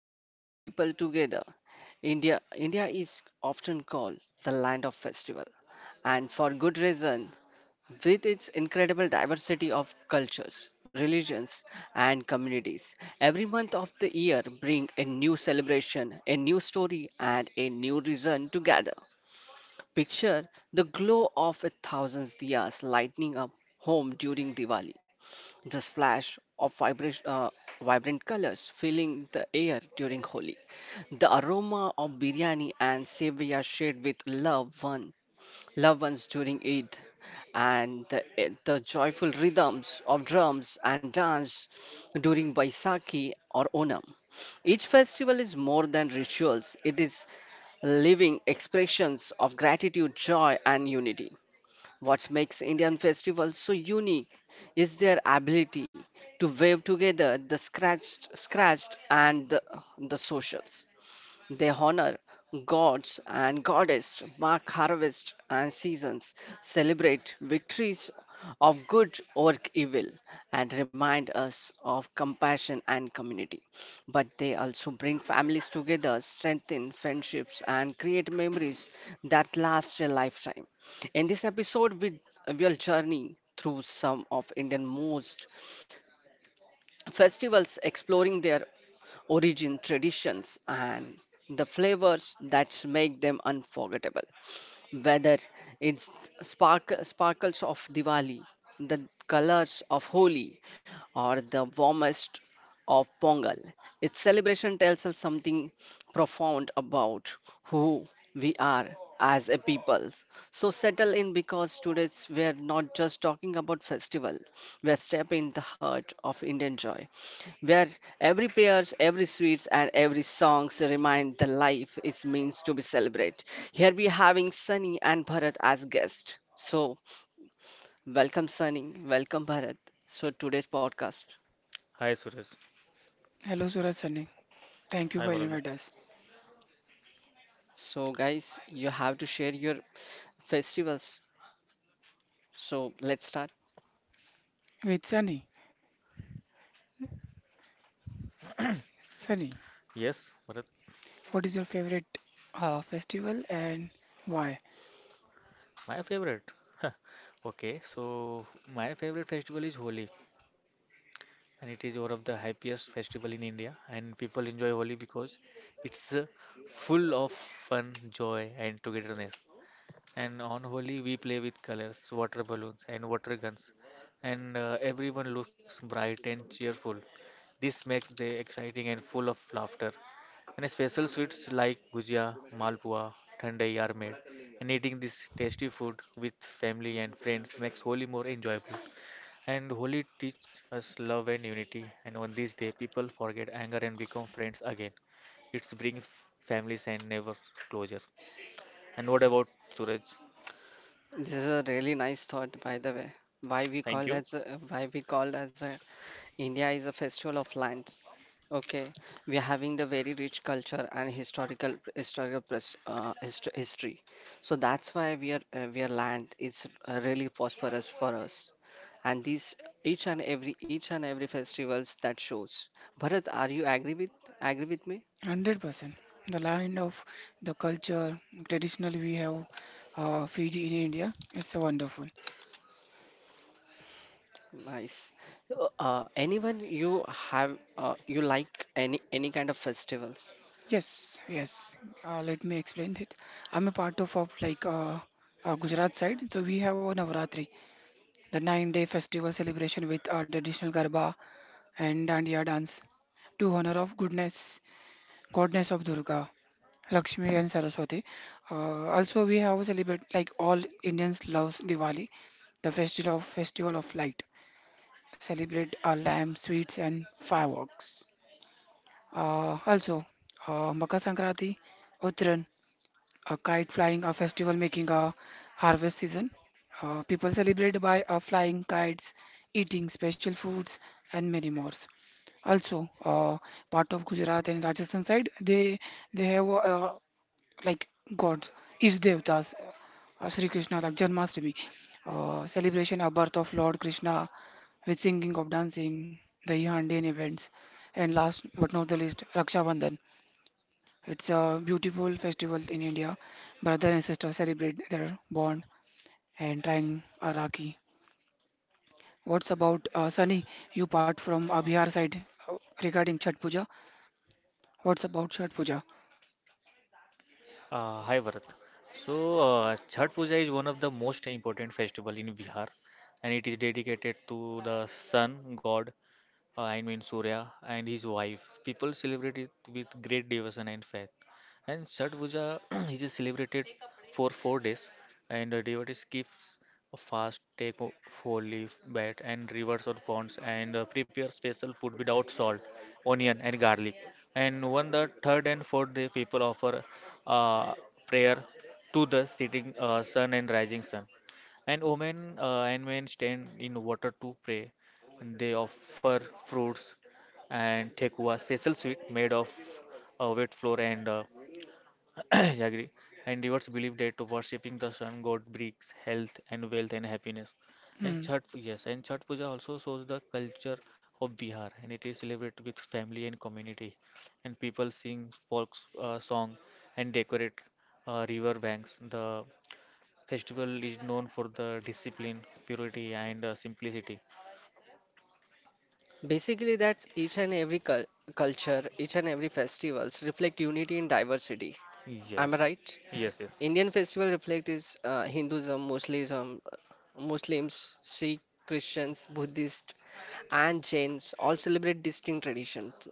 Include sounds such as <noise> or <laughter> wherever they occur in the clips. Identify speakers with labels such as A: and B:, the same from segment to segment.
A: that bring people together. India is often called the land of festival, and for good reason, with its incredible diversity of cultures, religions, and communities. Every month of the year bring a new celebration, a new story, and a new reason to gather. Picture the glow of a thousand diyas lighting up home during Diwali. The splash of vibrant colors filling the air during Holi. The aroma of biryani and sevia shared with loved ones during Eid, and the joyful rhythms of drums and dance during Baisakhi or Onam. Each festival is more than rituals; it is living expressions of gratitude, joy, and unity. What makes Indian festivals so unique is their ability to weave together the scratched and the socials. They honor gods and goddesses, mark harvest and seasons, celebrate victories of good over evil, and remind us of compassion and community. But they also bring families together, strengthen friendships, and create memories that last a lifetime. In this episode, we will journey through some of Indian most festivals exploring their origin, traditions, and the flavors that make them unforgettable, whether it's sparkles of Diwali, the colors of Holi, or the warmest of Pongal. Its celebration tells us something profound about who we are as a people. So settle in, because today's we're not just talking about festival. We're stepping in the heart of Indian joy, where every prayers, every sweets, and every songs remind the life is means to be celebrated. Here we having Sunny and Bharat as guests. So welcome Sunny, welcome Bharat. So today's podcast.
B: Hi Suresh.
C: Hello, Suraj Sunny. Thank you
B: Hi
C: for
B: Varad.
C: inviting us.
A: So guys, you have to share your festivals. So let's start.
C: With Sunny, Sunny,
B: Yes, Varad.
C: what is your favorite festival and why?
B: My favorite. <laughs> Okay, so my favorite festival is Holi, and it is one of the happiest festival in India. And people enjoy Holi because it's full of fun, joy, and togetherness. And on Holi, we play with colors, water balloons, and water guns. And everyone looks bright and cheerful. This makes the exciting and full of laughter. And special sweets like gujia, malpua, thandai are made. And eating this tasty food with family and friends makes Holi more enjoyable. And Holi teach us love and unity. And on this day, people forget anger and become friends again. It's bring families and neighbors closer. And what about Suraj?
A: This is a really nice thought, by the way.
B: Thank you.
A: Why we call as a India is a festival of land. Okay, we are having the very rich culture and history. So that's why we are land is really prosperous for us. And these each and every festivals that shows. Bharat, are you agree with me?
C: 100%. The land of the culture, traditionally we have Fiji in India. It's a wonderful.
A: Nice. Anyone you like any kind of festivals?
C: Yes, yes. Let me explain it. I'm a part of like Gujarat side, so we have a Navratri, the nine-day festival celebration with traditional Garba and Dandiya dance to honor of goodness, goddess of Durga. Lakshmi and Saraswati. Also, we have celebrate like all Indians loves Diwali, the festival of light. Celebrate our lamp, sweets, and fireworks. Also, Makar Sankranti, Uttaran, a kite flying, a festival making a harvest season. People celebrate by flying kites, eating special foods, and many more. Also, part of Gujarat and Rajasthan side, they have like gods, is Devtas, Sri Krishna, like Janmashtami, celebration of birth of Lord Krishna with singing of dancing, the Yandian events, and last but not the least, Raksha Bandhan. It's a beautiful festival in India. Brother and sister celebrate their bond and trying a Rakhi. What's about Sunny? You part from Bihar side uh, regarding Chhat Puja. What's about Chhat Puja?
B: Hi, Bharat. So, Chhath Puja is one of the most important festival in Bihar, and it is dedicated to the sun god I mean Surya, and his wife. People celebrate it with great devotion and faith. And Chhath Puja <clears throat> is celebrated for four days, and the devotees keep a fast, take four leaf bat and rivers or ponds, and prepare special food without salt, onion, and garlic. And when the third and fourth day, people offer uh, prayer to the setting sun and rising sun. And women and men stand in water to pray, they offer fruits and Thekua, special sweet made of wet flour and <clears throat> jaggery. And rivers believe that worshipping the sun god brings health and wealth and happiness. And
C: Hmm.
B: Chhat, yes, and Chhat Puja also shows the culture of Bihar, and it is celebrated with family and community. And people sing folk song and decorate river banks. The festival is known for the discipline, purity, and simplicity.
A: Basically, that's each and every culture, each and every festivals reflect unity in diversity. Am I
B: Yes,
A: right?
B: yes, yes.
A: Indian festival reflect is Hinduism, Muslims, Sikh, Christians, Buddhists, and Jains all celebrate distinct traditions.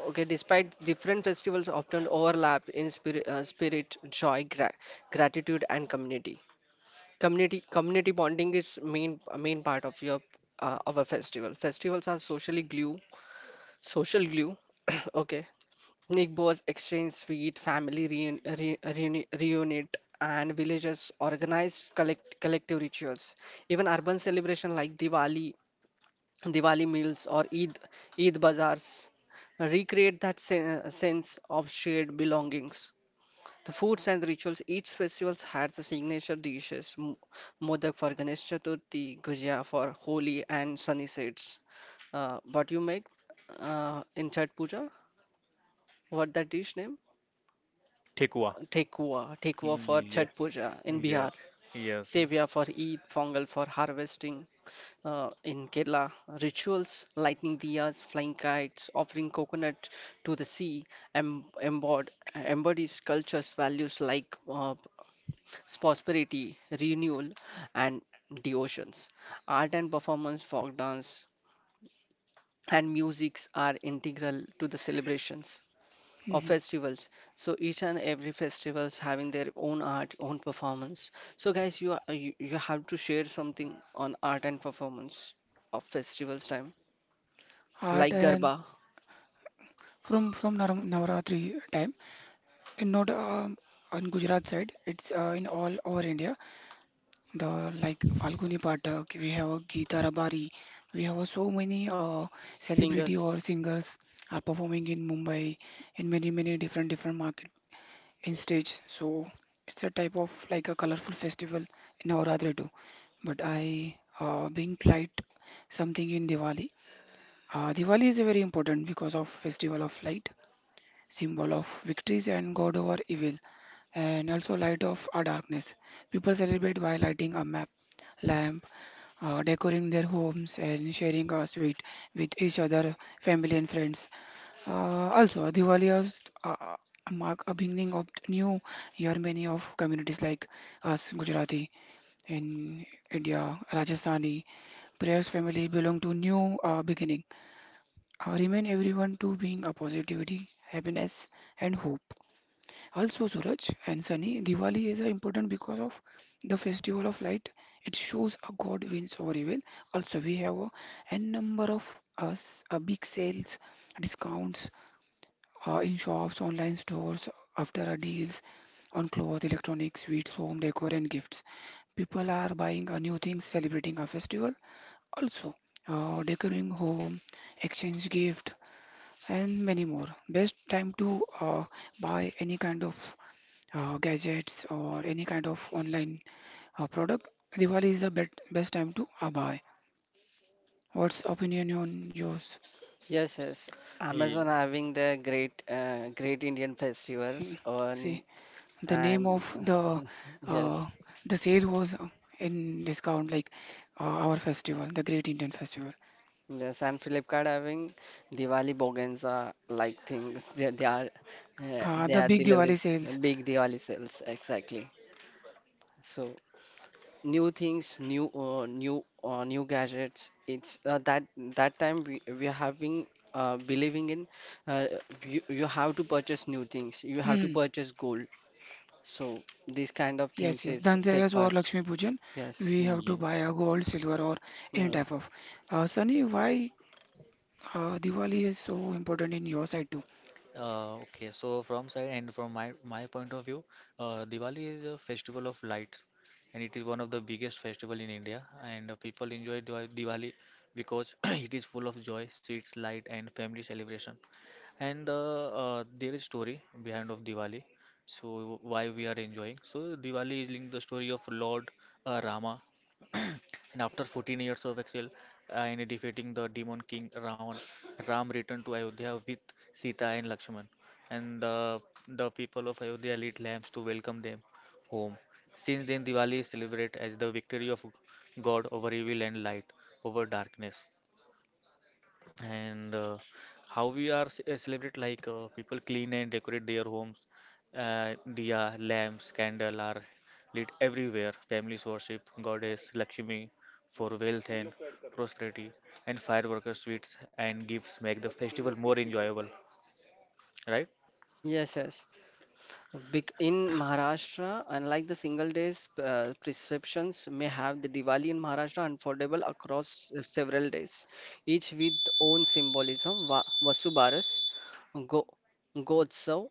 A: Okay, despite different festivals often overlap in spirit joy, gratitude, and community. Community bonding is main part of your our festival. Festivals are social glue. <coughs> <clears throat> Okay, Nick Boas exchanged sweet, family reunite, and villagers organized collective rituals. Even urban celebrations like Diwali meals, or Eid bazaars recreate that sense of shared belongings. The foods and rituals, each festival had the signature dishes, modak for Ganesh Chaturthi, gujia for Holi, and sunny sets. What you make in Chhat Puja? What that dish name?
B: Tikwa.
A: Tekua, Tekua for Chhat
B: Yes,
A: Puja in Bihar,
B: yes, yes.
A: Sevia for Eid, Pongal for harvesting in Kerala, rituals, lighting diyas, flying kites, offering coconut to the sea, em- embod- embodies cultures, values like prosperity, renewal, and devotions. Art and performance, folk dance, and musics are integral to the celebrations of
C: Hmm.
A: festivals. So each and every festivals having their own art own performance. So guys, you have to share something on art and performance of festivals time,
C: Art
A: like
C: and
A: garba,
C: from Navratri time. And not on Gujarat side, it's in all over India. The like Falguni Pathak, we have a Geeta Rabari, we have so many
A: s-
C: celebrity or
A: singers
C: singers are performing in Mumbai in many many different different market in stage. So it's a type of like a colorful festival in Navaratri too. But I being light something in Diwali. Diwali is a very important because of festival of light symbol of victories and God over evil, and also light of our darkness. People celebrate by lighting a map, lamp, decorating their homes, and sharing a sweet with each other, family and friends. Also, Diwali has mark a beginning of new year. Many of communities like us, Gujarati in India, Rajasthani, prayers family belong to new beginning. Remind everyone to being a positivity, happiness, and hope. Also, Suraj and Sunny, Diwali is important because of the festival of light. It shows a God wins over evil. Also, we have a number of us big sales, discounts in shops, online stores, after our deals on clothes, electronics, sweets, home decor, and gifts. People are buying a new things, celebrating a festival. Also, decorating home, exchange gift, and many more. Best time to buy any kind of gadgets or any kind of online product. Diwali is the bet best time to buy. What's opinion on yours?
A: Yes, yes. Amazon
B: Ye-
A: having their great Indian
C: Hmm,
A: festivals on,
C: See, the name
A: and
C: of the
A: <laughs>
C: uh,
A: yes,
C: sale was in discount, like our festival, the Great Indian Festival.
A: yes. And Flipkart having Diwali Boganza like things, they are uh,
C: Uh,
A: they
C: the
A: are
C: big
A: delivering
C: Diwali sales.
A: big Diwali sales, exactly. So new things, new gadgets. It's that time we have been believing in, uh, you have to purchase new things, you have to
C: Hmm.
A: purchase gold. So these kind of
C: Yes,
A: things
C: yes.
A: is take
C: Dhanteras or
A: parts.
C: Lakshmi Pujan,
A: Yes,
C: we have to
B: Yes.
C: buy a gold, silver, or any type
A: yes.
C: of. Sunny, why Diwali is so important in your side too.
B: Okay, so from side and from my point of view, Diwali is a festival of lights, and it is one of the biggest festival in India. And people enjoy Diwali because <clears throat> it is full of joy, sweets, light, and family celebration. And there is story behind of Diwali. So why we are enjoying? So Diwali is linked the story of Lord Rama, <clears throat> and after 14 years of exile, in defeating the demon king Ravan. Ram returned to Ayodhya with Sita and Lakshman, and the people of Ayodhya lit lamps to welcome them home. Since then, Diwali is celebrated as the victory of God over evil and light over darkness, and how we are celebrate like people clean and decorate their homes, diya lamps candle are lit everywhere, families worship goddess Lakshmi for wealth and prosperity, and fireworkers sweets and gifts make the festival more enjoyable, right?
A: Yes, yes. In Maharashtra, unlike the single days, prescriptions may have the Diwali in Maharashtra unfoldable across several days, each with own symbolism. Vasubaras, Go Gotsav,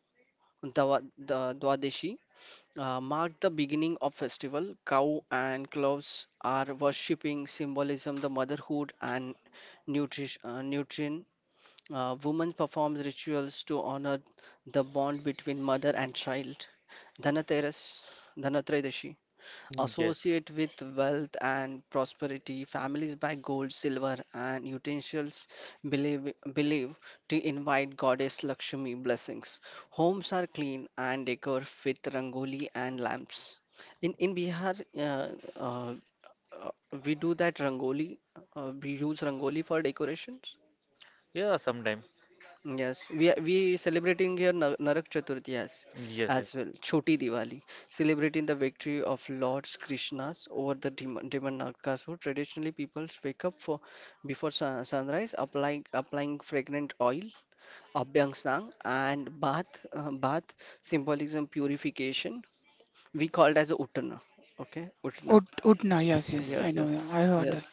A: Dwa- Dwadashi mark the beginning of festival. Cow and cloves are worshipping symbolism, the motherhood and nutrition woman performs rituals to honor the bond between mother and child. Dhanateras, Dhanatrayadashi,
B: Mm, yes.
A: associate with wealth and prosperity. Families buy gold, silver, and utensils believe to invite goddess Lakshmi blessings. Homes are clean and decorated with rangoli and lamps. In Bihar, uh, we do that rangoli. We use rangoli for decorations.
B: Yeah, sometime.
A: Yes, we celebrating here Narak Chaturthi as
B: Yes,
A: as
B: yes.
A: well, Choti Diwali, celebrating the victory of Lord Krishna's over the demon Narakasur. Traditionally, people wake up for before sunrise, applying fragrant oil, abhyang sang, and bath symbolism purification. We called as a Uttana. Okay, Uttana.
C: Utna, yes,
B: Oh,
C: yes, I
A: Yes,
C: know,
B: yes.
A: yes,
C: I heard
A: yes.
C: that.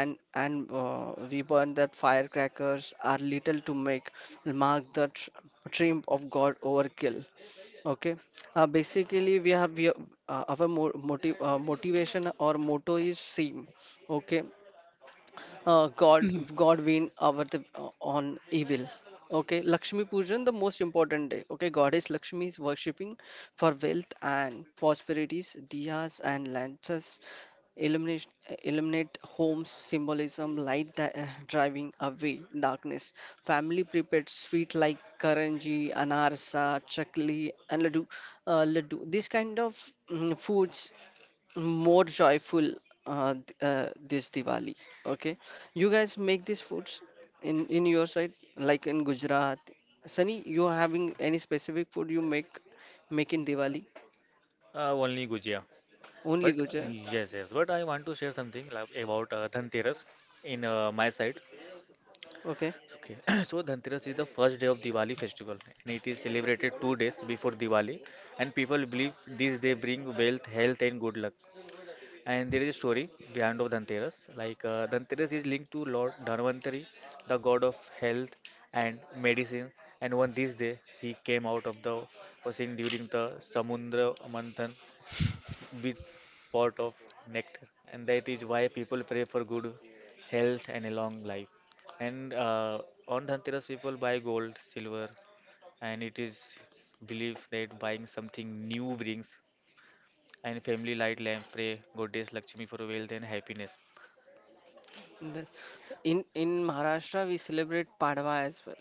A: And we burn that firecrackers are little to make mark the tr trim of God overkill. Okay. Basically, our mo motiv motivation or motto is same. Okay, God
C: Mhm.
A: God win over the on evil. Okay, Lakshmi Pujan, the most important day. Okay, Goddess Lakshmi is worshipping for wealth and prosperities. Diyas and lanterns illuminate, illuminate homes, symbolism, light driving away darkness. Family prepared sweet like karanji, anarsa, chakli, and laddu. Laddu. These kind of foods more joyful, this Diwali. Okay, you guys make these foods in your side, like in Gujarat. Sunny, you are having any specific food you make in Diwali?
B: only gujia,
A: Only
B: but
A: Gujarat.
B: yes, yes, but I want to share something like, about dhanteras in my side.
A: Okay.
B: Okay. <clears throat> So Dhanteras is the first day of Diwali festival and it is celebrated two days before Diwali, and people believe this day bring wealth, health and good luck. And there is a story behind of Dhanteras like Dhanteras is linked to Lord Dhanvantari, the god of health and medicine, and on this day he came out of the ocean during the Samudra Manthan big pot of nectar, and that is why people pray for good health and a long life. And on Dhanteras, people buy gold, silver, and it is believed that buying something new brings. And family light lamp pray goddess Lakshmi for wealth and happiness.
A: The- in Maharashtra, we celebrate Padwa as well.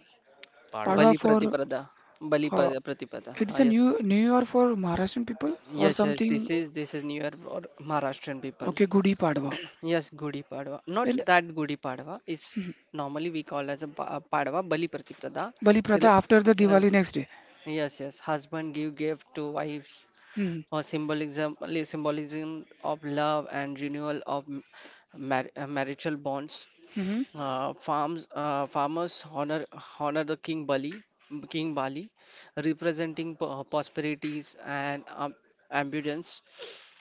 B: Padwa.
A: Bali
C: Padwa for
A: Pratipada. Bali
C: uh,
A: Pratipada. Ah,
C: it's a
A: yes.
C: new New Year for Maharashtrian people or
A: Yes, yes.
C: something.
A: This is near or Maharashtrian people.
C: Okay, Gudi Padwa.
A: Yes, Gudi Padwa.
C: Then
A: Not that Gudi Padwa. It's normally we call as a Padwa, Bali Pratiprada.
C: Bali Pratha
A: Cele-
C: after the
A: yes,
C: Diwali next day.
A: yes, yes. Husband give gift to wives
C: Hmm.
A: or symbolism of love and renewal of marital bonds.
C: Hmm.
A: Farmers honor the King Bali, representing prosperities and abundance.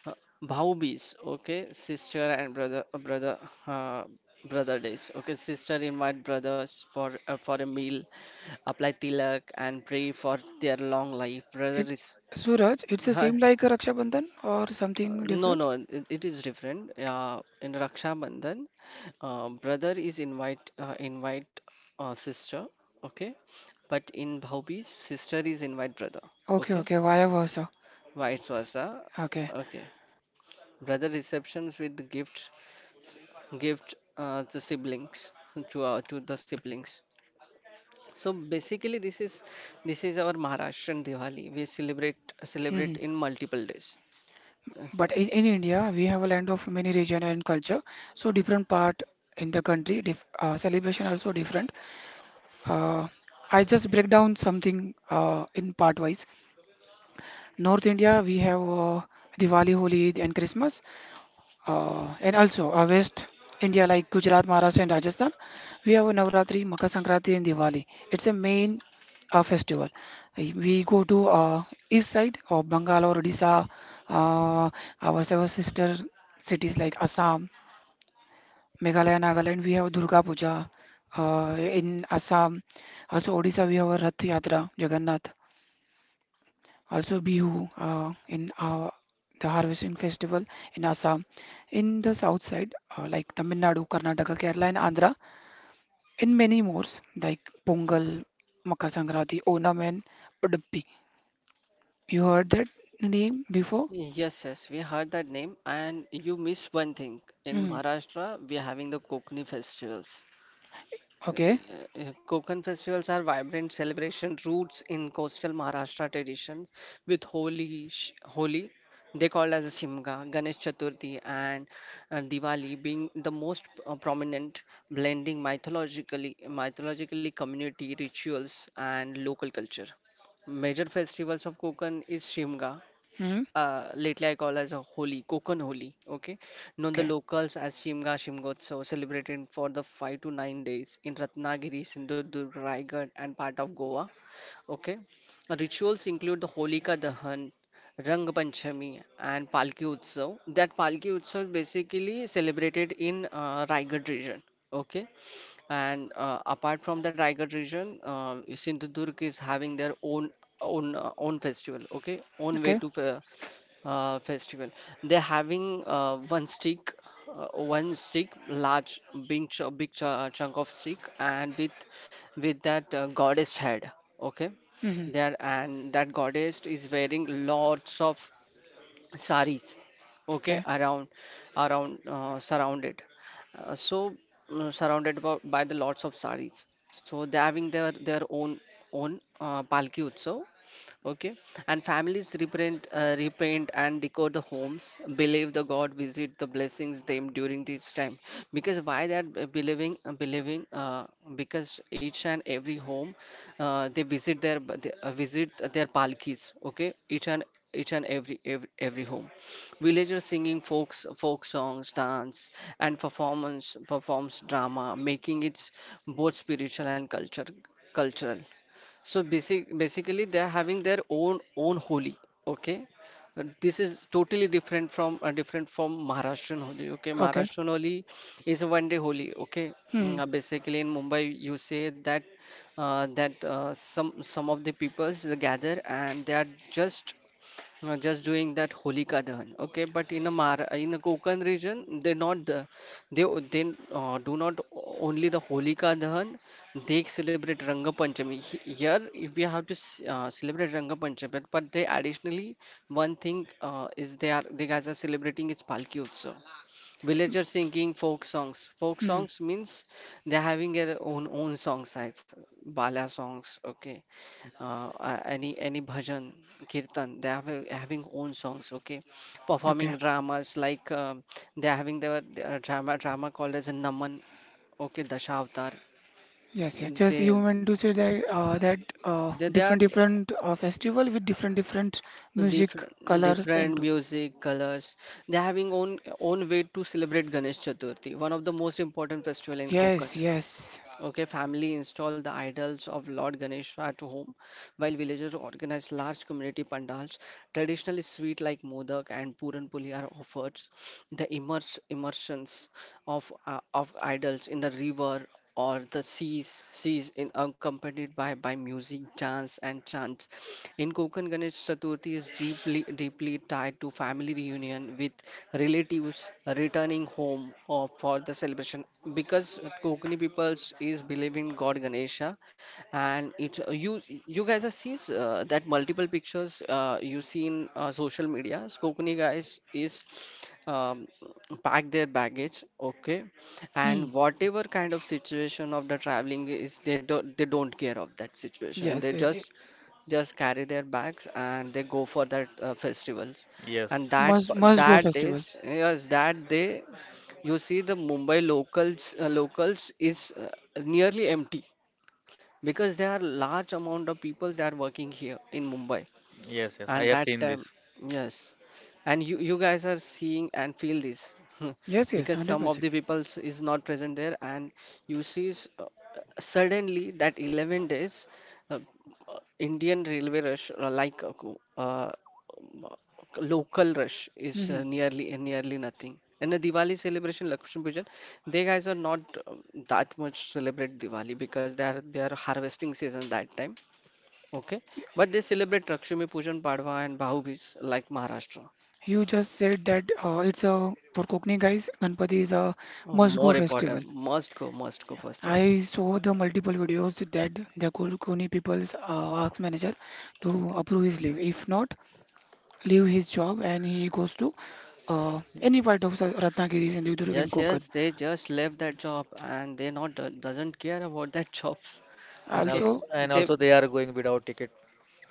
A: Uh, Bhaubis, okay, sister and uh, brother days. Okay, sister invite brothers for a meal, apply tilak and pray for their long life.
C: It Suraj, it's the
A: Uh,
C: same like a Raksha Bandhan or something
A: no,
C: different.
A: no, it is different. In Raksha Bandhan, brother is invite sister, okay, but in Bhaubis, sister is invite brother,
C: Okay,
A: okay,
C: okay, vice versa.
A: vice versa,
C: Okay.
A: okay. Brother receptions with gifts, s- gift to siblings, to the siblings. So basically, this is our Maharashtrian Diwali. We celebrate
C: Hmm.
A: in multiple days.
C: But
A: Okay.
C: in India, we have a land of many region and culture. So different part in the country, dif celebration also different. Uh, I just break down something in part wise. North India, we have Diwali, Holi, and Christmas, and also West India like Gujarat, Maharashtra, and Rajasthan. We have Navratri, Makar Sankranti, and Diwali. It's a main festival. We go to east side of Bengal or Odisha, uh, our several sister cities like Assam, Meghalaya, Nagaland, we have Durga Puja. In Assam, also Odisha, we have our Rath Yatra, Jagannath. Also Bihu in the harvesting festival in Assam. In the south side, like Tamil Nadu, Karnataka, Kerala, and Andhra, in many more, like Pongal, Makar Sankranti, Onam, and Uduppi. You heard that name before?
A: Yes, yes, we heard that name, and you missed one thing. In
C: Hmm.
A: Maharashtra, we are having the Kokni festivals.
C: Okay.
A: Konkan festivals are vibrant celebration roots in coastal Maharashtra traditions with Holi they called as a Simga, Ganesh Chaturthi and Diwali being the most prominent, blending mythologically community rituals and local culture. Major festivals of Konkan is Shimga,
C: Hmm.
A: lately I call as a Holi, Kokon Holi, okay, known the
C: Okay.
A: locals as Shimga Shimgotsav, celebrated for the 5 to 9 days in Ratnagiri, Sindhudurg, Raigad, and part of Goa, okay. Rituals include the Holika Dahan, Rang Panchami, and Palki Utsav. That Palki Utsav is basically celebrated in Raigad region, okay. And apart from the tiger region, Sindhudurg is having their own festival. Okay, own way
C: Okay.
A: to festival. They're having one stick, large, big, chunk of stick, and with that goddess head. Okay,
C: Hmm.
A: there and that goddess is wearing lots of saris, okay,
C: Okay.
A: around around surrounded so surrounded by the lots of saris, so they having their own palki utsav, okay, and families reprint repaint and decor the homes, believe the god visit the blessings them during this time, because why that believing because each and every home, they visit their palkis, okay, each and every home. Villagers singing folk songs, dance, and performance performs drama, making it both spiritual and culture cultural. So basically, they are having their own Holi. Okay. This is totally different from Maharashtrian Holi. Okay,
C: Okay.
A: Maharashtrian Holi is a one day Holi. Okay.
C: Hmm.
A: Basically in Mumbai, you say that that some of the peoples they gather and they are just just doing that Holika Dahan. Okay, but in a Mar in a Konkan region, they o- they do not only the Holika Dahan, they celebrate Ranga Panchami. Here, if we have to celebrate Ranga Panchami, but they additionally one thing is they guys are celebrating is Palki Utsav, villagers singing folk songs. Folk
C: Hmm.
A: songs means they're having their own songs, like bala songs, okay, any bhajan, kirtan. They are having own songs, okay,
C: Okay.
A: performing dramas like they are having their drama called as Naman, okay, Dashavatar.
C: Yes, yes, just
A: They
C: you meant to say that
A: they are
C: different different festival with different different music
A: different
C: colors and
A: different
C: too.
A: music colors. They're having own way to celebrate Ganesh Chaturthi, one of the most important festival in Konkan.
C: Yes, yes.
A: Okay, family install the idols of Lord Ganesha at home, while villagers organize large community pandals. Traditionally, sweets like modak and puran puli are offered. The immersions of idols in the river or the seas, accompanied by music, dance, and chants. In Konkan, Ganesh Chaturthi is deeply tied to family reunion, with relatives returning home or for the celebration, because Kokani peoples is believing God Ganesha, and it's you guys are sees that multiple pictures you see in social media. Kokuni guys is um, pack their baggage, okay,
C: Hmm.
A: and whatever kind of situation of the traveling is, they don't, care of that situation.
C: Yes,
A: They
C: yes.
A: just carry their bags and they go for that festivals,
B: Yes,
A: and that
C: Must go festival.
A: days, yes, that day you see the Mumbai locals, is nearly empty, because there are large amount of people that are working here in Mumbai,
B: yes, yes. I
A: and
B: have
A: that
B: seen this.
A: time, yes, and you guys are seeing and feel this. <laughs>
C: Yes, yes,
A: Because some of
C: 100%.
A: the people is not present there, and you see suddenly that 11 days uh, indian railway rush, like m- local rush is
C: Hmm.
A: nearly nothing. And the Diwali celebration, Lakshmi Pujan, they guys are not that much celebrate Diwali, because they are harvesting season that time. Okay, but they celebrate Lakshmi Pujan, Padwa, and Bhu Beej like Maharashtra.
C: You just said that it's a for Kokni guys, Ganpati is a must go
A: More
C: festival.
A: important, must go festival.
C: I saw the multiple videos that the Koni people's asked manager to approve his leave. If not, leave his job and he goes to any part of Ratnagiri, Sindhudurg and
A: Yes,
C: Konkan.
A: yes, they just left that job and they not doesn't care about that <laughs> jobs.
B: And
A: Okay,
C: Also,
B: also, and
A: they
B: also they are going without ticket,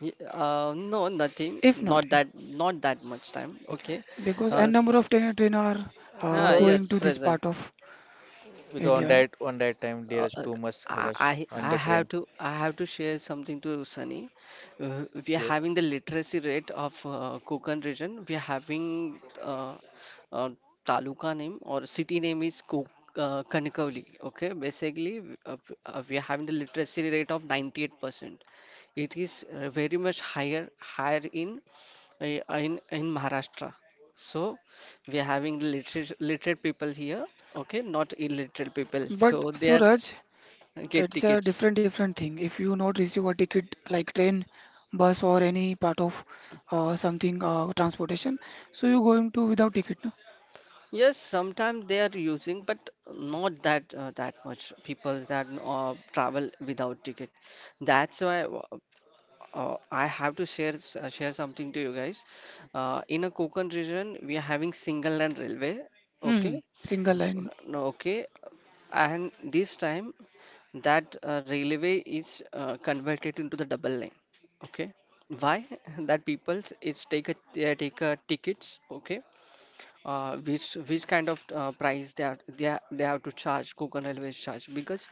A: no nothing,
C: if not, if,
A: not that much time. Okay,
C: because
A: uh,
C: a
A: s-
C: number of train are
A: ah,
C: going
A: yes,
B: because
C: to this
A: present.
C: part of
B: because
C: India.
B: on that time there
A: Uh,
B: is
A: uh,
B: too much rush on the train.
A: I have to share something to Sunny. We are
B: Yes.
A: having the literacy rate of Konkan region. We are having uh, taluka name or city name is Ko Kanikavli. Okay, basically, uh, we are having the literacy rate of 98%. It is very much higher in uh, in Maharashtra. So we are having literate people here, okay, not illiterate people.
C: But
A: So they are.
C: Suraj,
A: Get
C: it's a
A: tickets.
C: different different thing. If you not receive a ticket like train, bus or any part of something transportation, so you going to without ticket. No?
A: Yes, sometimes they are using, but not that that much people that travel without ticket. That's why, I have to share s- share something to you guys. In a Konkan region, we are having single land railway. Okay.
C: Hmm, single line.
A: No, okay, and this time that railway is converted into the double lane. Okay, why <laughs> that people it's take a they take a tickets. Okay, which kind of price they are, they have to charge. Konkan Railways charge, because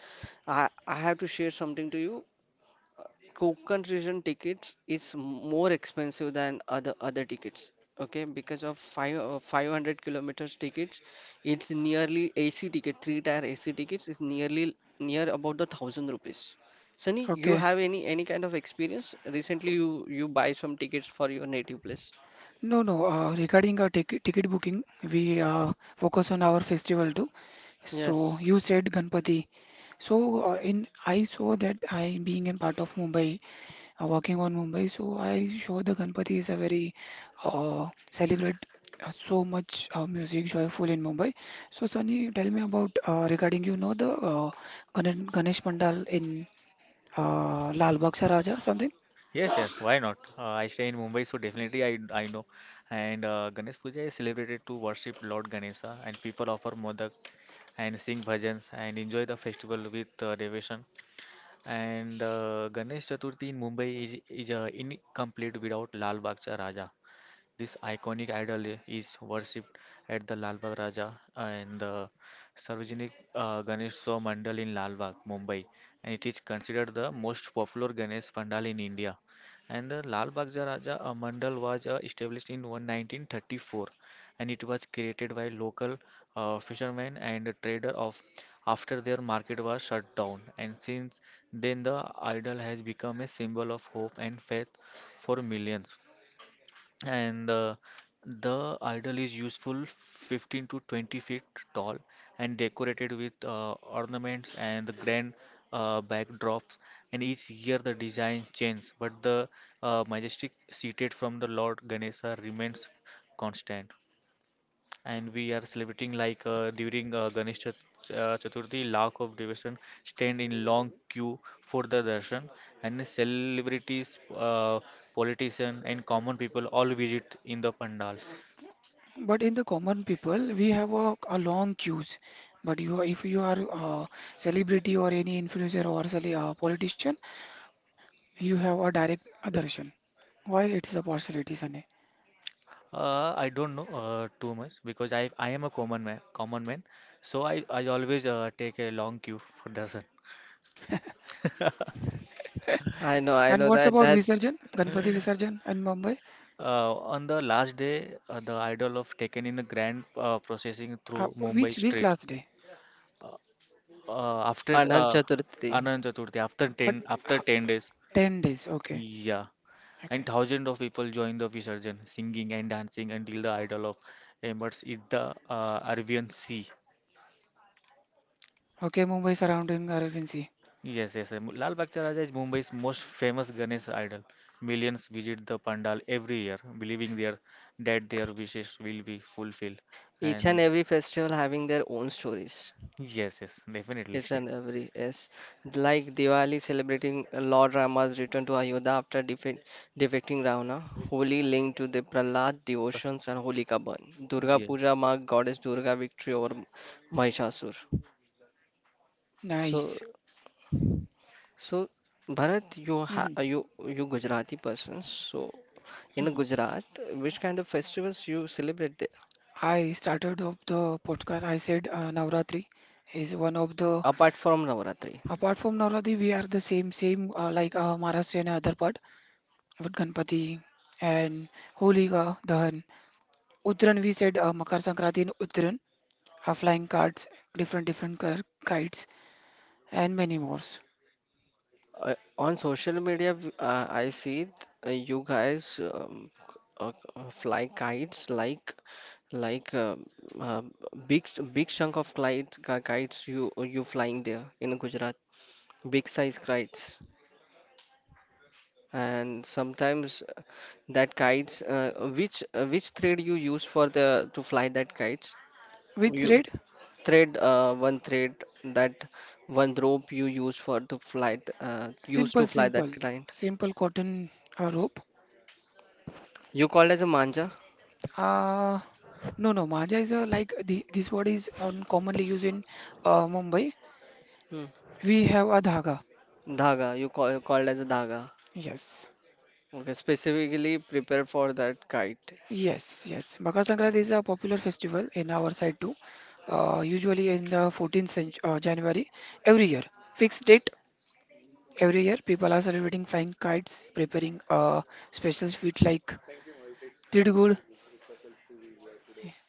A: I have to share something to you. Konkan region tickets is more expensive than other tickets. Okay, because of five 500 kilometers tickets, it's nearly AC ticket three tier AC tickets is nearly near about the 1,000 rupees. Sunny, you
C: Okay.
A: have any kind of experience? Recently, you buy some tickets for your native place.
C: No, no. Regarding our ticket booking, we focus on our festival too. So
A: Yes,
C: you said Ganpati. So in I saw that I being in part of Mumbai, working on Mumbai, so I saw the Ganpati is a very celebrate so much music joyful in Mumbai. So Sunny, tell me about regarding the Ganesh Pandal in Lal Bagh Saraja something.
B: Yes, yes, why not? I stay in Mumbai, so definitely I know. And Ganesh Puja is celebrated to worship Lord Ganesha, and people offer modak and sing bhajans and enjoy the festival with devotion. And Ganesh Chaturthi in Mumbai is is incomplete without Lal Bagh Cha Raja. This iconic idol is worshipped at the Lal Bagh Raja and the Sarvajanik Ganesh Mandal in Lal Bagh, Mumbai, and it is considered the most popular Ganesh Pandal in India. And the Lal Bagh Raja Mandal was established in 1934, and it was created by local fishermen and trader of after their market was shut down, and since then the idol has become a symbol of hope and faith for millions. And the idol is useful 15 to 20 feet tall and decorated with ornaments and the grand backdrops, and each year the design changes but the majestic seated from the Lord Ganesha remains constant. And we are celebrating like during Ganesh Chaturthi, lakh of devotion stand in long queue for the darshan, and celebrities, politicians, and common people all visit in the pandal.
C: But in the common people, we have a long queues. But if you are a celebrity or any influencer or politician, you have a direct darshan. Why it's a possibility, Sunny?
B: I don't know too much because I am a common man, so I always take a long queue for darshan.
A: I know,
C: And what's
A: that
C: about Visarjan, Ganpati Visarjan in Mumbai?
B: On the last day, the idol of taken in the grand processing
C: Uh,
B: through Mumbai
C: which
B: street.
C: last day?
B: uh, after
A: Anant
B: uh,
A: Chaturthi.
B: Anand Chaturthi, after
C: But
B: 10
C: uh,
B: after 10 days,
C: 10 days. Okay,
B: yeah, and
C: okay,
B: thousands of people join the Visarjan, singing and dancing until the idol of embers in the Arabian Sea.
C: okay. Mumbai surrounding Aravinci.
B: Yes, yes, yes. Lal Bagcha Raja is Mumbai's most famous Ganesh idol. Millions visit the pandal every year, believing their that their wishes will be fulfilled.
A: Each and
B: And
A: every festival having their own stories.
B: yes, yes, definitely.
A: Each and
B: <laughs>
A: every, yes, like Diwali celebrating Lord Rama's return to Ayodhya after defeating Ravana. Holi linked to the Prahlad devotions and Holika burn. Durga
B: Yeah,
A: Puja marked goddess Durga victory over Mahishasur. So
C: Nice.
A: so, Bharat, you ha
C: Mhm.
A: you you Gujarati person. So in Gujarat, which kind of festivals you celebrate there
C: I started off the podcast. I said Navratri is one of the.
A: apart from Navaratri?
C: Apart from Navratri, we are the same like Maharashtrian other part. But Ganpati and Holika, Dahan. Uttaran, we said Makar Sankranti in Uttaran, flying cards, different different color kites, and many more.
A: On social media, I see you guys, fly kites like like um, uh, big big chunk of kite, kites you flying there in Gujarat, big size kites. And sometimes, that kites, which thread you use for the to fly that kites,
C: With
A: you
C: thread,
A: thread, one thread, that one rope you use for to fly use
C: simple,
A: to fly
C: simple,
A: that kite.
C: simple cotton rope.
A: You called as a manja?
C: Uh, no, Maja is a, like the, this word is commonly used in Mumbai.
A: Hmm.
C: We have a dhaga.
A: Dhaga, you called as a dhaga.
C: Yes.
A: Okay, specifically prepared for that kite.
C: Yes, yes. Makar Sankranti is a popular festival in our side too. Usually in the 14th January every year. Fixed date every year. People are celebrating flying kites, preparing special sweet like Tidgud.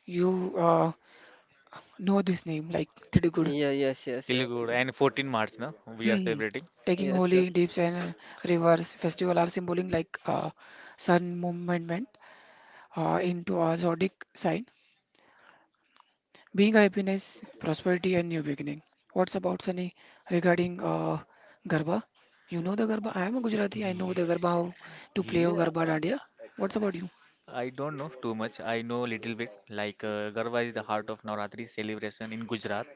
C: You know this name like Tidgud.
A: Yeah, yes, yes,
B: Telugu
A: yes,
B: and 14 March, no, we
C: Hmm.
B: are
C: Hmm.
B: celebrating.
C: Taking
A: yes,
C: holy
A: yes.
C: dips and rivers festival are symboling like sun movement into a zodiac sign. Being happiness, prosperity, and new beginning. What's about Sunny regarding Garba? You know the Garba? I am a Gujarati. I know the Garba,
B: Ye-
C: how to play O
B: Yeah,
C: Garba Dandiya. What's about you?
B: I don't know too much. I know little bit. Like Garba is the heart of Navratri celebration in Gujarat,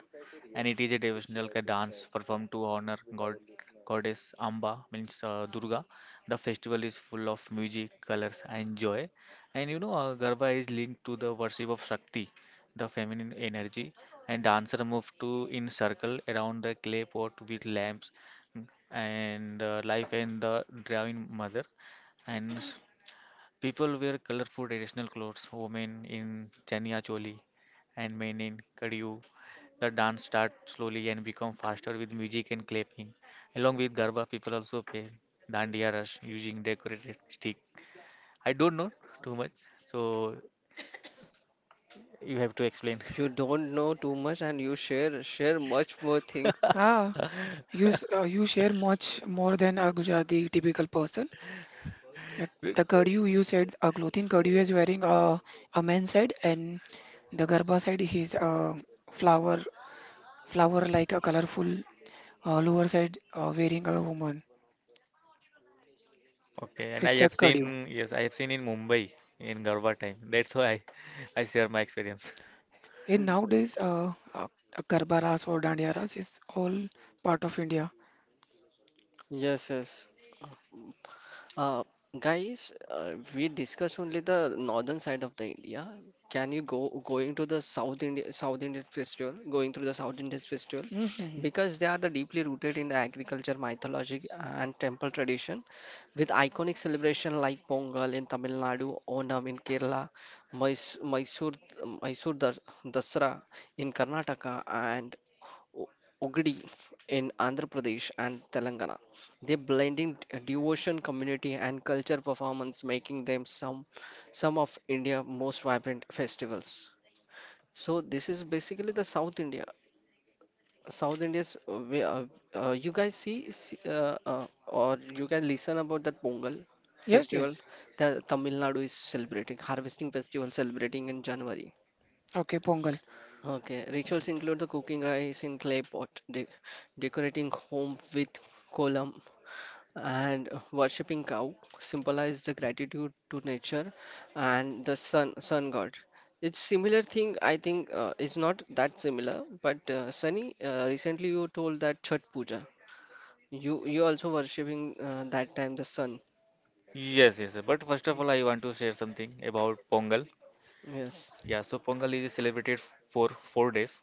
B: and it is a devotional dance performed to honor God, goddess Amba, means Durga. The festival is full of music, colors, and joy. And you know, Garba is linked to the worship of Shakti, the feminine energy. And dancer move to in circle around the clay pot with lamps, and life and the Dravin mother and people wear colorful traditional clothes, women in chania choli and men in kadiu. The dance starts slowly and become faster with music and clapping. Along with garba, people also play dandiya rush using decorated stick. I don't know too much, so you have to explain.
A: You don't know too much, and you share much more things.
C: Ah, you share much more than a Gujarati typical person. Like
B: <laughs> Be-
C: the kadiu you said a clothing kadiu is wearing a man's side, and the Garba side is a flower, flower like a colorful lower side wearing a woman.
A: Oh,
B: Okay, and I
C: It's a
B: have
C: kadiu.
B: seen, yes, I have seen in Mumbai in Garba time. That's why I share my experience.
C: In nowadays, Garba Ras or Dandiya Ras is all part of India.
A: yes, yes. Uh, Guys, we discuss only the northern side of the India. Can you go, going to the South Indian festival, going through the South Indian festival,
C: Hmm.
A: because they are the deeply rooted in the agriculture, mythology, and temple tradition, with iconic celebration like Pongal in Tamil Nadu, Onam in Kerala, Mys Mysore Mysore Dasra in Karnataka, and O- Ogadi in Andhra Pradesh and Telangana. They blending devotion, community, and culture performance, making them some of India's most vibrant festivals. So this is basically the South India. South India's you guys see, see or you guys listen about that Pongal
C: Yes,
A: festival
C: yes.
A: that Tamil Nadu is celebrating, harvesting festival celebrating in January.
C: Okay, Pongal.
A: Okay, rituals include the cooking rice in clay pot, decorating home with kolam, and worshipping cow symbolize the gratitude to nature and the sun god. It's similar thing, I think. It's not that similar, but Sunny, recently you told that Chhat Puja. You also worshipping that time the sun.
B: Yes, yes. But first of all, I want to share something about Pongal.
A: Yes.
B: Yeah, so Pongal is celebrated for four days.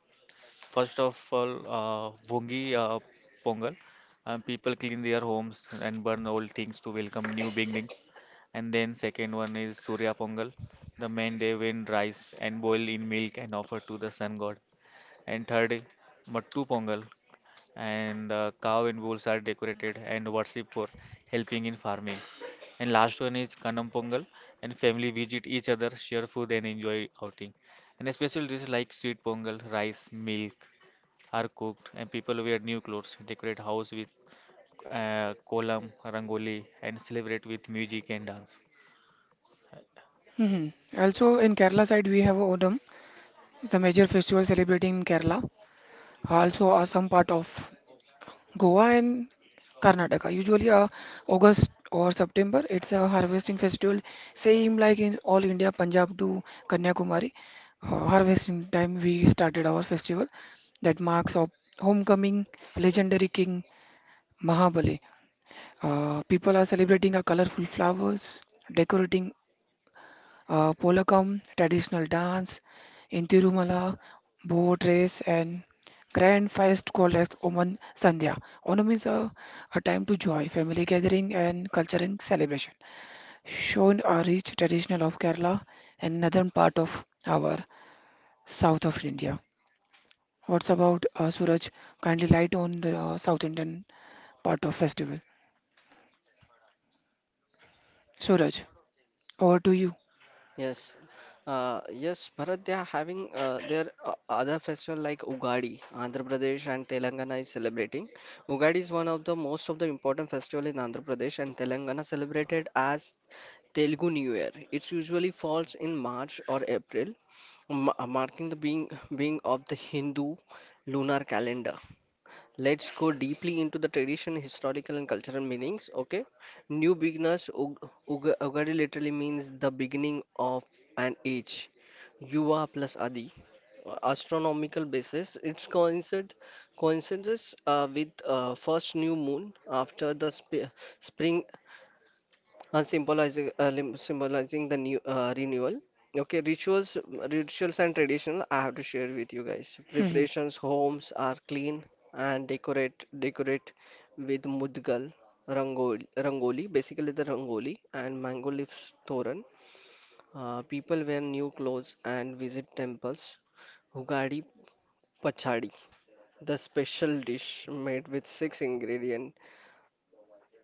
B: First of all, Bhungi Pongal. People clean their homes and burn old things to welcome new beginnings. And then second one is Surya Pongal, the main day when rice and boil in milk and offer to the sun god. And third, Mattu Pongal, and cow and bulls are decorated and worshipped for helping in farming. And last one is Kanam Pongal, and family visit each other, share food, and enjoy outing. And especially dishes like sweet pongal, rice, milk are cooked, and people wear new clothes, decorate house with kolam, rangoli, and celebrate with music and dance.
C: Hmm. Also, in Kerala side, we have Onam, the major festival celebrating in Kerala. Also, some part of Goa and Karnataka. Usually, August or September, it's a harvesting festival, same like in all India, Punjab to Kanyakumari. Harvesting time, we started our festival that marks of homecoming, legendary king, Mahabali. People are celebrating a colorful flowers, decorating polakam, traditional dance, in Tirumala, boat race, and grand feast called as Oman Sandhya. Onam is a time to joy, family gathering, and cultural celebration. Shown a rich traditional of Kerala and northern part of our south of India. What's about Suraj? Kindly light on the South Indian part of festival. Suraj, over to you.
A: Yes, yes, Bharat, they are having their other festival like Ugadi. Andhra Pradesh and Telangana is celebrating. Ugadi is one of the most of the important festival in Andhra Pradesh and Telangana, celebrated as Telugu New Year. It usually falls in March or April, marking the being of the Hindu lunar calendar. Let's go deeply into the tradition, historical, and cultural meanings. Okay, new beginners. Ugadi literally means the beginning of an age. Yuva plus Adi. Astronomical basis. It's coincides with first new moon after the spring, symbolizing the new renewal. Okay, rituals and traditional, I have to share with you guys.
C: <laughs>
A: Preparations: homes are clean and decorate with mudgal rangoli, basically the rangoli and mango leaves thoran. People wear new clothes and visit temples. Hugadi Pachadi, the special dish made with six ingredient.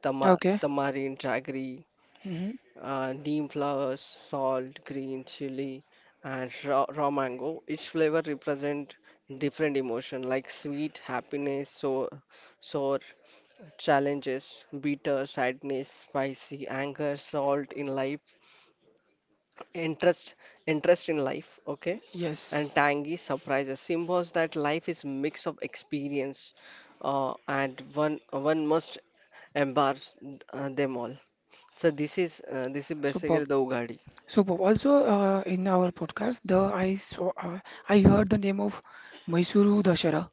C: Okay.
A: Tamarind, jaggery,
C: Hmm.
A: neem flowers, salt, green chili, and raw mango. Each flavor represent different emotion like sweet, happiness, sour, challenges, bitter, sadness, spicy, anger, salt in life, interest, interest in life. Okay,
C: Yes.
A: and tangy surprises symbols that life is mix of experience, and one must embrace them all. So this is
C: Superb.
A: basically the Ugadi.
C: Superb. Also, in our podcast, the I saw I heard the name of Mysuru Dashara.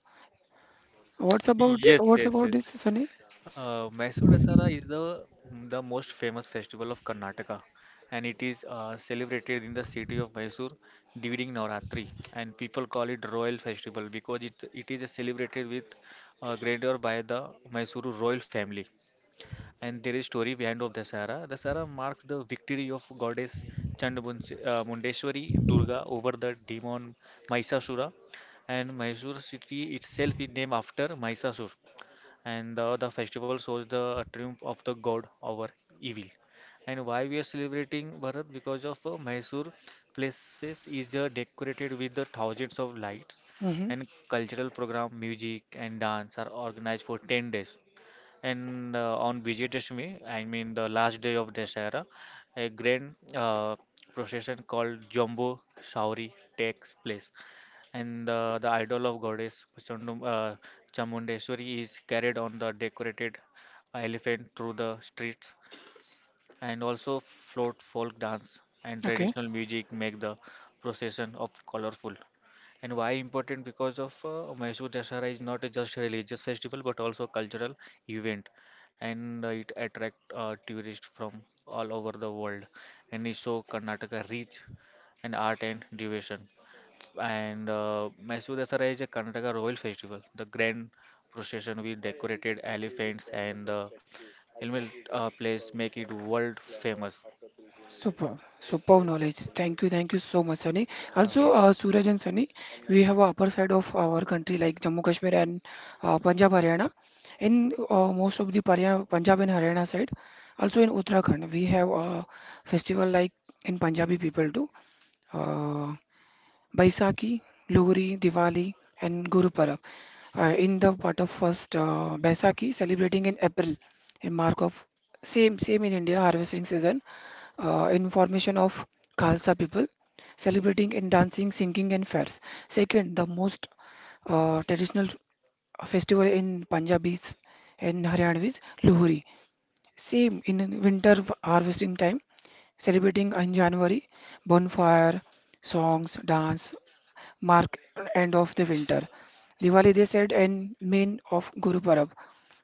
C: What's about
B: Yes,
C: what's
B: yes,
C: about
B: yes.
C: this, Sunny?
B: Mysore Dasara is the most famous festival of Karnataka, and it is celebrated in the city of Mysore during Navratri, and people call it Royal Festival because it is celebrated with grandeur by the Mysuru royal family. And there is story behind of Dasara. Dasara marks the victory of goddess Mundeshwari Durga over the demon Mahishasura, and Mysore city itself is named after Mahishasur, and the festival shows the triumph of the god over evil. And why we are celebrating, Bharat? Because of Mysore places is decorated with the thousands of lights,
C: Hmm.
B: and cultural program, music and dance are organized for 10 days. And on Vijay Dashami, I mean the last day of Dasara, a grand procession called Jumbo Sauri takes place, and the idol of goddess Chamundeshwari is carried on the decorated elephant through the streets, and also float folk dance and
C: Okay.
B: traditional music make the procession of colorful. And why important? Because of Mysore Dasara is not a just religious festival but also a cultural event, and it attract tourists from all over the world, and it show Karnataka rich and art and devotion. And Mysore Dasara is a Karnataka royal festival. The grand procession with decorated elephants and the helmet place make it world famous.
C: Superb. Superb knowledge. Thank you. Thank you so much, Sunny.
B: Uh,
C: Also,
B: well,
C: Suraj and Sunny, we have a upper side of our country like Jammu Kashmir and Punjab, Haryana. In most of the Punjab and Haryana side, also in Uttarakhand, we have a festival like in Punjabi people do. uh, Baisakhi, Lohri, Diwali, and Guru Parab. In the part of first Baisakhi, celebrating in April, in mark of same in India harvesting season, in formation of Khalsa people, celebrating in dancing, singing, and fairs. Second, the most traditional festival in Punjabis and Haryanvis, Lohri. Same in winter harvesting time celebrating in January, bonfire, songs, dance, mark end of the winter. Diwali, they said, and main of Guru Parab,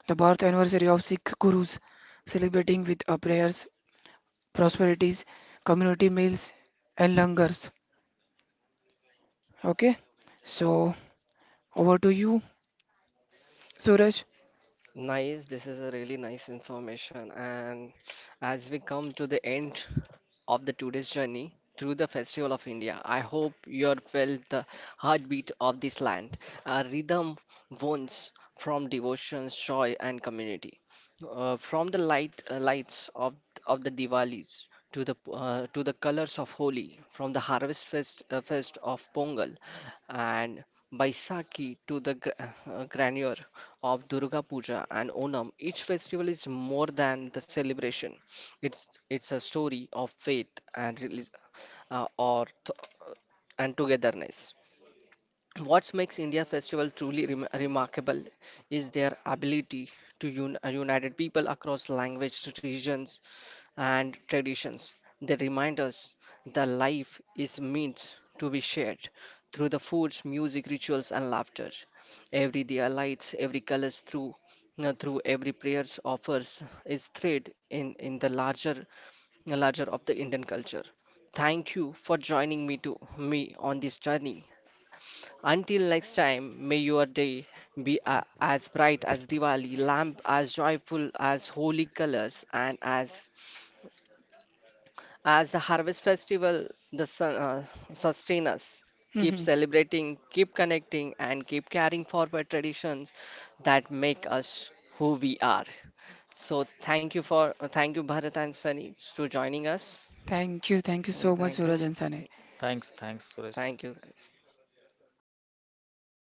C: the birth anniversary of six gurus, celebrating with prayers, prosperities, community meals, and langars. Okay, so over to you, Suraj.
A: Nice, this is a really nice information. And as we come to the end of the today's journey through the festival of India, I hope you are felt the heartbeat of this land, a rhythm wounds from devotion, joy, and community. From the lights of the Diwalis to the, colors of Holi, from the harvest fest of Pongal, and Baisakhi to the granure of Durga Puja and Onam, each festival is more than the celebration. It's a story of faith and uh, or th- togetherness. What makes India festival truly remarkable is their ability to unite people across language, regions, and traditions. They remind us that life is meant to be shared through the foods, music, rituals, and laughter. Every day lights, every colors through every prayers offers is thread in the larger of the Indian culture. Thank you for joining me to me on this journey. Until next time, may your day be a as bright as Diwali, lamp as joyful as holy colors, and as the harvest festival, the sun, sustain us. Keep
C: Mhm.
A: celebrating, keep connecting, and keep carrying forward traditions that make us who we are. So thank you, Bharat and Sunny, for joining us.
C: Thank you so
A: And
C: much, Suraj and Sane.
B: thanks, thanks, Suresh.
A: thank you guys.